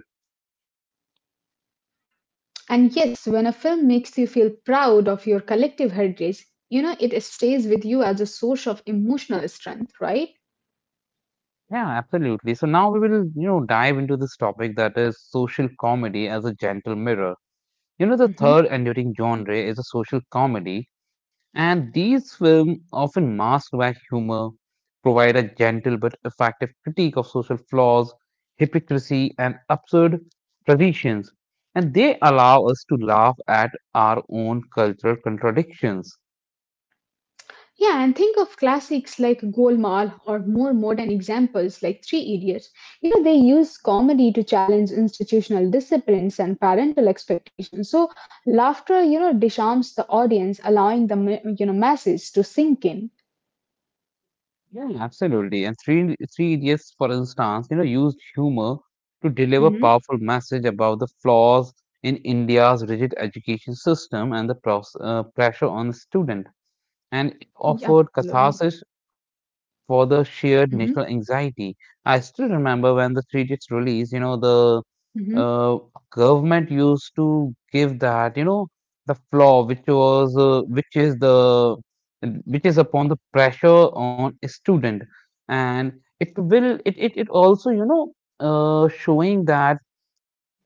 Speaker 2: And yes, when a film makes you feel proud of your collective heritage, you know, it stays with you as a source of emotional strength, right?
Speaker 1: Yeah, absolutely. So now we will, dive into this topic that is social comedy as a gentle mirror. The third
Speaker 2: Mm-hmm.
Speaker 1: enduring genre is a social comedy, and these films, often masked by humor, provide a gentle but effective critique of social flaws, hypocrisy, and absurd traditions, and they allow us to laugh at our own cultural contradictions.
Speaker 2: Yeah, and think of classics like Golmaal or more modern examples like Three Idiots. You know, they use comedy to challenge institutional disciplines and parental expectations. So, laughter, you know, disarms the audience, allowing the, you know, message to sink in.
Speaker 1: Yeah, absolutely. And Three Idiots, for instance, used humor to deliver
Speaker 2: Mm-hmm.
Speaker 1: powerful message about the flaws in India's rigid education system and the pressure on the student, and it
Speaker 2: Yeah,
Speaker 1: offered
Speaker 2: absolutely.
Speaker 1: catharsis for the sheer
Speaker 2: Mm-hmm.
Speaker 1: national anxiety. I still remember when the Three Dicks release, the
Speaker 2: Mm-hmm.
Speaker 1: uh, government used to give that, the flaw which was which is upon the pressure on a student, and it will it it, it also showing that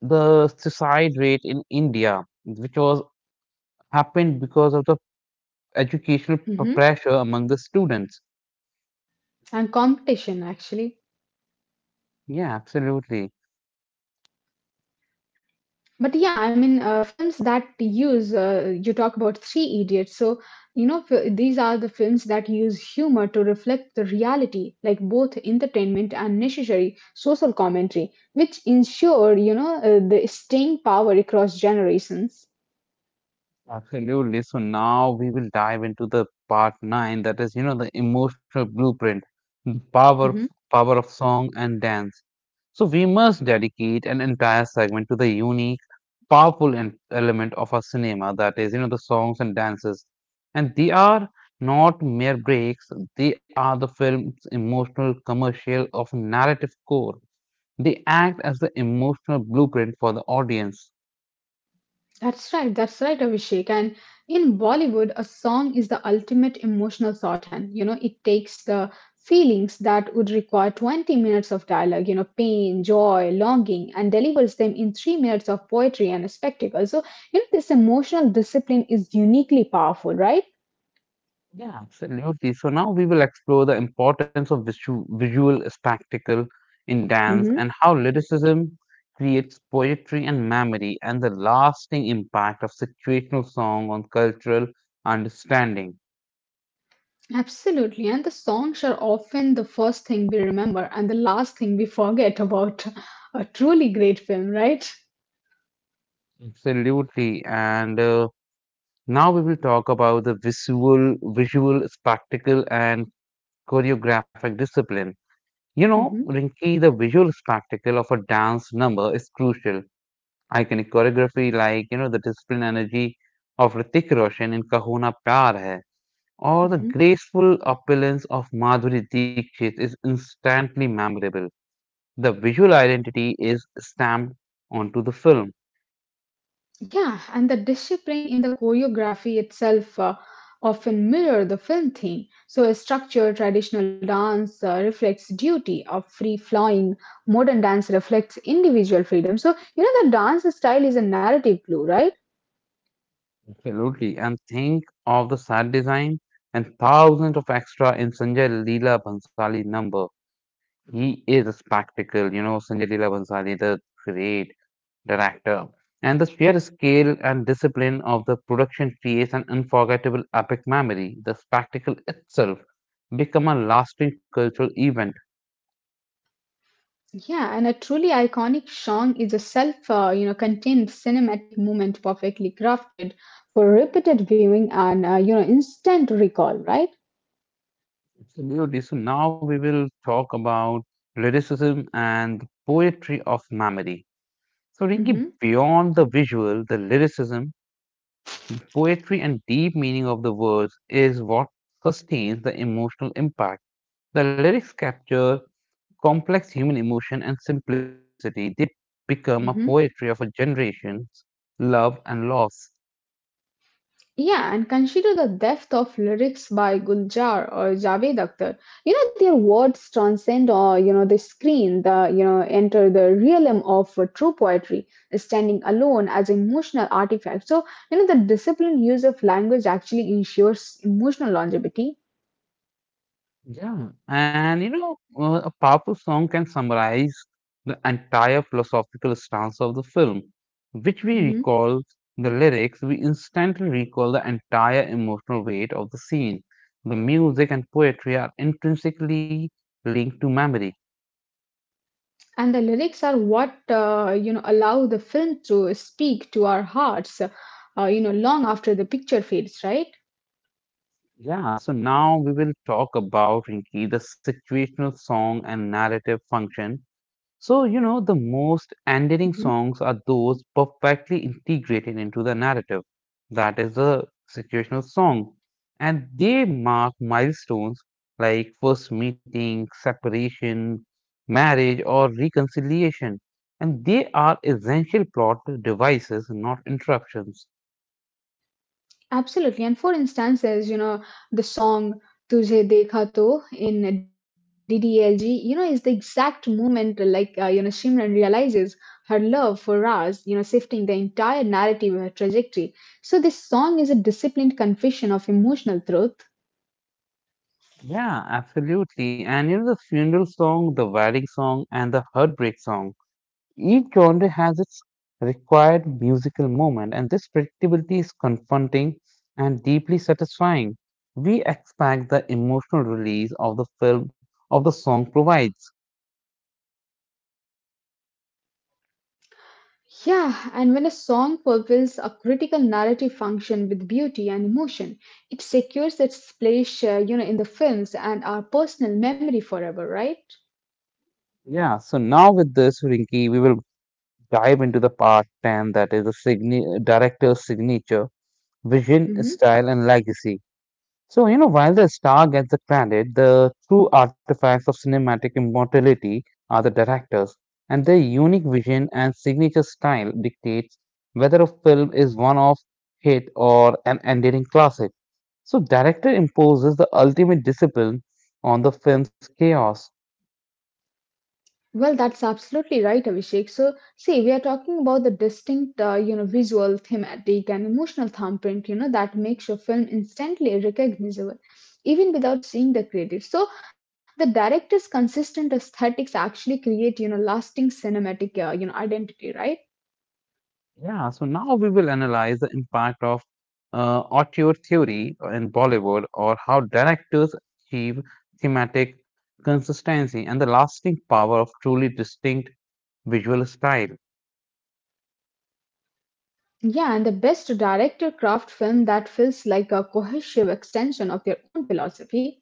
Speaker 1: the suicide rate in India, which was happened because of the educational
Speaker 2: Mm-hmm.
Speaker 1: pressure among the students.
Speaker 2: And competition, actually.
Speaker 1: Yeah, absolutely.
Speaker 2: But yeah, I mean, films that use, you talk about Three Idiots. So, you know, these are the films that use humor to reflect the reality, like both entertainment and necessary social commentary, which ensure, you know, the staying power across generations.
Speaker 1: Absolutely. So now we will dive into the part nine, that is, the emotional blueprint, the power
Speaker 2: Mm-hmm.
Speaker 1: power of song and dance. So we must dedicate an entire segment to the unique, powerful element of our cinema, that is, the songs and dances. And they are not mere breaks; they are the film's emotional, commercial, of narrative core. They act as the emotional blueprint for the audience.
Speaker 2: That's right, Abhishek. And in Bollywood, a song is the ultimate emotional shorthand. You know, it takes the feelings that would require 20 minutes of dialogue, you know, pain, joy, longing, and delivers them in 3 minutes of poetry and a spectacle. So, you know, this emotional discipline is uniquely powerful, right?
Speaker 1: Yeah, absolutely. So now we will explore the importance of visual spectacle in dance
Speaker 2: hmm
Speaker 1: and how lyricism creates poetry and memory and the lasting impact of situational song on cultural understanding.
Speaker 2: Absolutely. And the songs are often the first thing we remember and the last thing we forget about a truly great film, right?
Speaker 1: Absolutely. And now we will talk about the visual spectacle and choreographic discipline. You know,
Speaker 2: hmm
Speaker 1: Rinki, the visual spectacle of a dance number is crucial. Iconic choreography like, the discipline energy of Hrithik Roshan in Kahuna Pyar Hai, or the graceful opulence of Madhuri Dixit is instantly memorable. The visual identity is stamped onto the film.
Speaker 2: Yeah, and the discipline in the choreography itself often mirror the film theme. So a structured traditional dance reflects duty of free flowing, modern dance reflects individual freedom. So you know the dance style is a narrative glue, right?
Speaker 1: Absolutely. And think of the sad design and thousands of extra in Sanjay Leela Bhansali number. He is a spectacle, Sanjay Leela Bhansali, the great director. And the sheer scale and discipline of the production creates an unforgettable epic memory. The spectacle itself become a lasting cultural event.
Speaker 2: Yeah, and a truly iconic song is a self, you know, contained cinematic moment perfectly crafted for repeated viewing and you know instant recall, right?
Speaker 1: Absolutely. So now we will talk about lyricism and poetry of memory. So, Rinki,
Speaker 2: Mm-hmm.
Speaker 1: beyond the visual, the lyricism poetry and deep meaning of the words is what sustains the emotional impact. The lyrics capture complex human emotion and simplicity. They become a
Speaker 2: Mm-hmm.
Speaker 1: poetry of a generation's love and loss.
Speaker 2: Yeah, and consider the depth of lyrics by Guljar or Javed Akhtar. You know, their words transcend, or you know, the screen, the, you know, enter the realm of true poetry, standing alone as an emotional artifact. So, you know, the disciplined use of language actually ensures emotional longevity.
Speaker 1: Yeah, and a powerful song can summarize the entire philosophical stance of the film, which we
Speaker 2: Mhm.
Speaker 1: recall the lyrics, we instantly recall the entire emotional weight of the scene. The music and poetry are intrinsically linked to memory.
Speaker 2: And the lyrics are what, you know, allow the film to speak to our hearts, you know, long after the picture fades, right?
Speaker 1: Yeah, so now we will talk about Rinki, the situational song and narrative function. So, the most endearing songs are those perfectly integrated into the narrative. That is a situational song. And they mark milestones like first meeting, separation, marriage, or reconciliation. And they are essential plot devices, not interruptions.
Speaker 2: Absolutely. And for instance, there's, you know, the song Tujhe Dekha To in DDLG, you know, is the exact moment like, you know, Simran realizes her love for Raz, you know, shifting the entire narrative of her trajectory. So this song is a disciplined confession of emotional truth.
Speaker 1: Yeah, absolutely. And the funeral song, the wedding song, and the heartbreak song. Each genre has its required musical moment, and this predictability is confronting and deeply satisfying. We expect the emotional release of the film of the song provides.
Speaker 2: Yeah, and when a song fulfills a critical narrative function with beauty and emotion, it secures its place, you know, in the films and our personal memory forever, right?
Speaker 1: Yeah, so now with this, Rinki, we will dive into the part 10 that is the director's signature, vision,
Speaker 2: Mhm.
Speaker 1: style, and legacy. So, while the star gets the credit, the true artifacts of cinematic immortality are the directors, and their unique vision and signature style dictates whether a film is one of hit or an enduring classic. So, director imposes the ultimate discipline on the film's chaos.
Speaker 2: Well, that's absolutely right, Abhishek. So, see, we are talking about the distinct, you know, visual, thematic, and emotional thumbprint, you know, that makes your film instantly recognizable, even without seeing the credits. So, the director's consistent aesthetics actually create, you know, lasting cinematic, you know, identity, right?
Speaker 1: Yeah, so now we will analyze the impact of auteur theory in Bollywood or how directors achieve thematic consistency and the lasting power of truly distinct visual style.
Speaker 2: Yeah, and the best director craft film that feels like a cohesive extension of their own philosophy.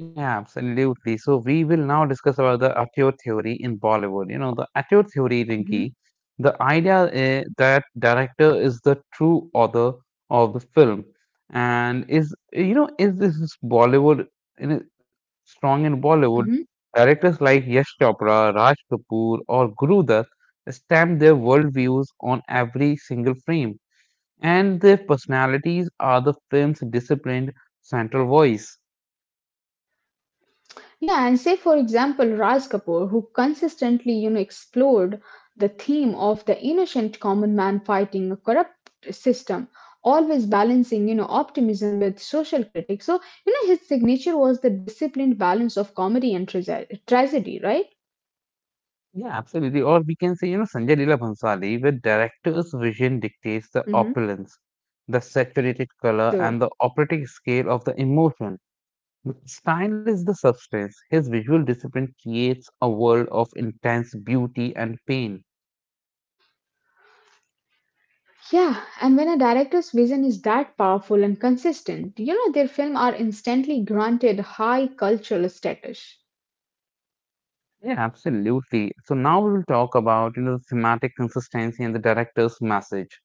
Speaker 1: Yeah, absolutely. So we will now discuss about the Ateur theory in Bollywood. You know, the Ateur theory,
Speaker 2: hmm
Speaker 1: Rinki, the idea is that director is the true author of the film, and is eh, you know is this is Bollywood in a- strong in Bollywood? Directors like Yash Chopra, Raj Kapoor, or Guru Dutt stamp their worldviews on every single frame, and their personalities are the film's disciplined central voice.
Speaker 2: Yeah, and say for example Raj Kapoor, who consistently, you know, explored the theme of the innocent common man fighting a corrupt system, always balancing, you know, optimism with social critique. So, you know, his signature was the disciplined balance of comedy and tragedy, right?
Speaker 1: Yeah, absolutely. Or we can say, Sanjay Leela Bhansali, where director's vision dictates
Speaker 2: hmm
Speaker 1: the opulence, the saturated
Speaker 2: True.
Speaker 1: color, and the operatic scale of the emotion. The style is the substance. His visual discipline creates a world of intense beauty and pain.
Speaker 2: Yeah, and when a director's vision is that powerful and consistent, you know, their films are instantly granted high cultural status.
Speaker 1: Yeah, absolutely. So now we will talk about, the thematic consistency and the director's message.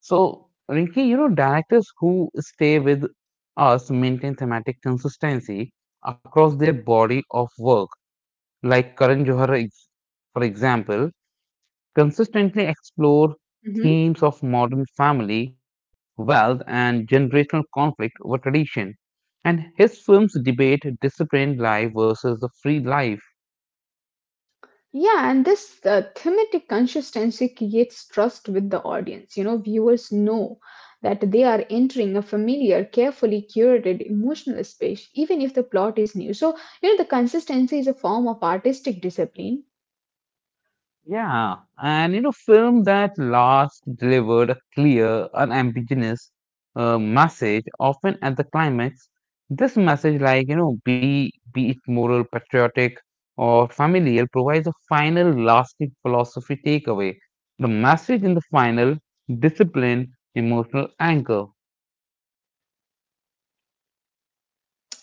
Speaker 1: So, Rinki, directors who stay with us maintain thematic consistency across their body of work like Karan Johar, for example, consistently explore themes of modern family, wealth, and generational conflict over tradition. And his films debate disciplined life versus the free life.
Speaker 2: Yeah, and this thematic consistency creates trust with the audience. You know, viewers know that they are entering a familiar, carefully curated emotional space, even if the plot is new. So, you know, the consistency is a form of artistic discipline.
Speaker 1: Yeah, and film that last delivered a clear, unambiguous message, often at the climax. This message, like be it moral, patriotic, or familial, provides a final, lasting philosophy takeaway. The message in the final, discipline, emotional anchor.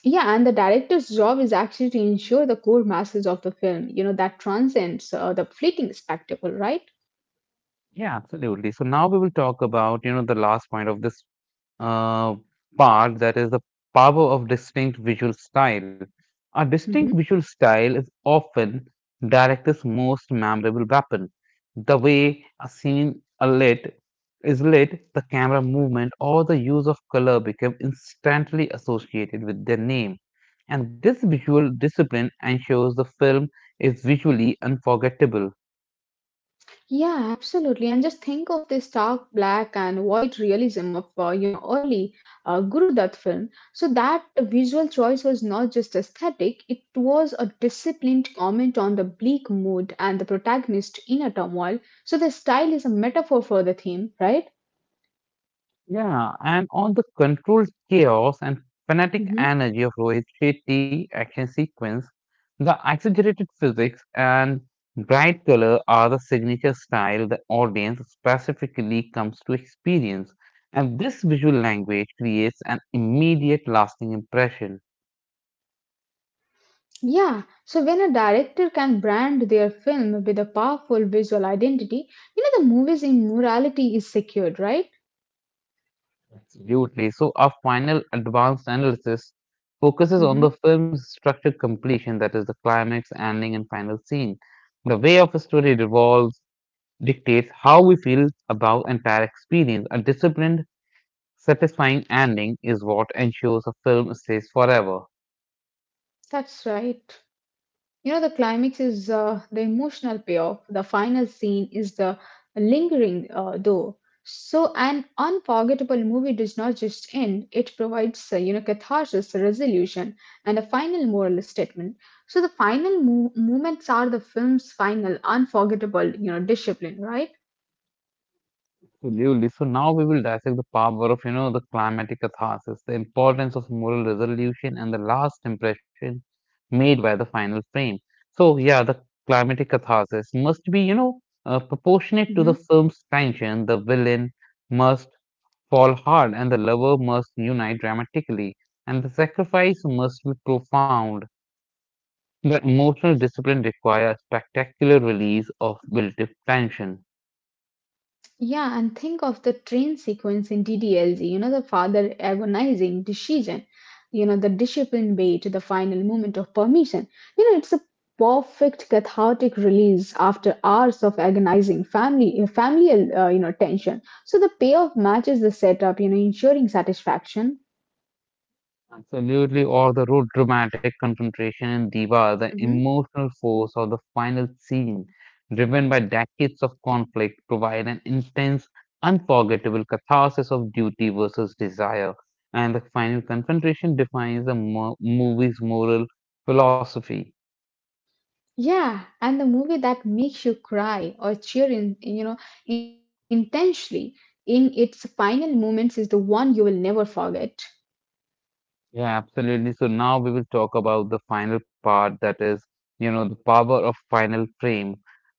Speaker 2: Yeah, and the director's job is actually to ensure the core message of the film, you know, that transcends the fleeting spectacle, right?
Speaker 1: Yeah, absolutely. So now we will talk about the last point of this uh, part that is the power of distinct visual style. A distinct
Speaker 2: Mhm.
Speaker 1: visual style is often director's most memorable weapon. The way a scene are lit is lit, the camera movement or the use of color become instantly associated with their name. And this visual discipline ensures the film is visually unforgettable.
Speaker 2: Yeah, absolutely. And just think of the stark black and white realism of you know early Guru Dutt film. So that visual choice was not just aesthetic; it was a disciplined comment on the bleak mood and the protagonist's inner turmoil. So the style is a metaphor for the theme, right?
Speaker 1: Yeah, and on the controlled chaos and frenetic
Speaker 2: hmm
Speaker 1: energy of Rohit Shetty action sequence, the exaggerated physics and bright color are the signature style the audience specifically comes to experience, and this visual language creates an immediate lasting impression.
Speaker 2: Yeah. So when a director can brand their film with a powerful visual identity, you know the movie's immorality is secured, right?
Speaker 1: Absolutely. So our final advanced analysis focuses on
Speaker 2: hmm
Speaker 1: the film's structured completion, that is the climax, ending, and final scene. The way of a story revolves dictates how we feel about entire experience. A disciplined, satisfying ending is what ensures a film stays forever.
Speaker 2: That's right. You know, the climax is the emotional payoff. The final scene is the lingering though. So, an unforgettable movie does not just end, it provides, you know, catharsis, resolution, and a final moral statement. So, the final moments are the film's final unforgettable, you know, discipline, right?
Speaker 1: Absolutely. So now we will dissect the power of the climatic catharsis, the importance of moral resolution, and the last impression made by the final frame. So yeah, the climatic catharsis must be proportionate to the
Speaker 2: Mhm.
Speaker 1: film's tension. The villain must fall hard, and the lover must unite dramatically, and the sacrifice must be profound. The emotional discipline requires spectacular release of built-up tension.
Speaker 2: Yeah, and think of the train sequence in DDLZ. You know, the father agonizing decision, you know, the disciplined way to the final moment of permission. You know, it's a perfect cathartic release after hours of agonizing family, familial, you know, tension. So the payoff matches the setup, you know, ensuring satisfaction.
Speaker 1: Absolutely, or the road dramatic confrontation, in Diva, the
Speaker 2: hmm
Speaker 1: emotional force of the final scene, driven by decades of conflict, provide an intense, unforgettable catharsis of duty versus desire, and the final confrontation defines the movie's moral philosophy.
Speaker 2: Yeah, and the movie that makes you cry or cheer in, you know, intensely in its final moments is the one you will never forget.
Speaker 1: Yeah, absolutely. So now we will talk about the final part that is, the power of final frame.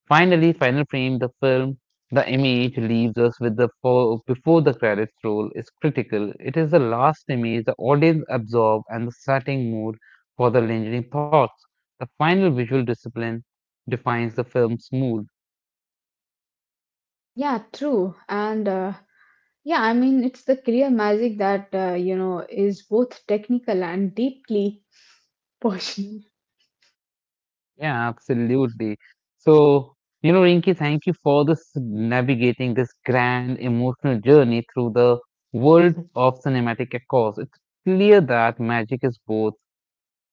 Speaker 1: Finally, final frame, the film, the image leaves us with the fo before the credits roll is critical. It is the last image the audience absorb and the setting mood for the lingering thoughts. The final visual discipline defines the film's mood.
Speaker 2: Yeah, true. And yeah, I mean, it's the career magic that, you know, is both technical and deeply personal.
Speaker 1: Yeah, absolutely. So, Rinki, thank you for this navigating this grand emotional journey through the world of cinematic echoes. It's clear that magic is both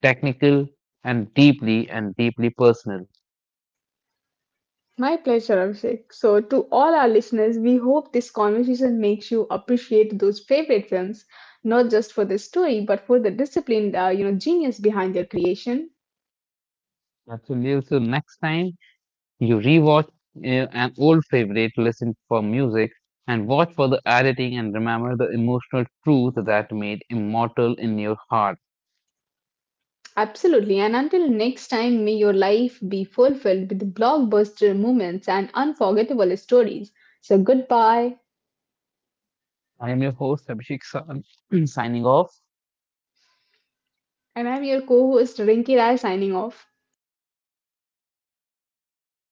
Speaker 1: technical and deeply personal.
Speaker 2: My pleasure, Abhishek. So, to all our listeners, we hope this conversation makes you appreciate those favorite films, not just for the story, but for the disciplined, you know, genius behind their creation.
Speaker 1: Absolutely. So next time you rewatch uh, an old favorite, listen for music and watch for the editing and remember the emotional truth that made immortal in your heart.
Speaker 2: Absolutely. And until next time, may your life be fulfilled with blockbuster moments and unforgettable stories. So, goodbye.
Speaker 1: I am your host, Abhishek San, signing off.
Speaker 2: And I'm your co host Rinki Rai signing off.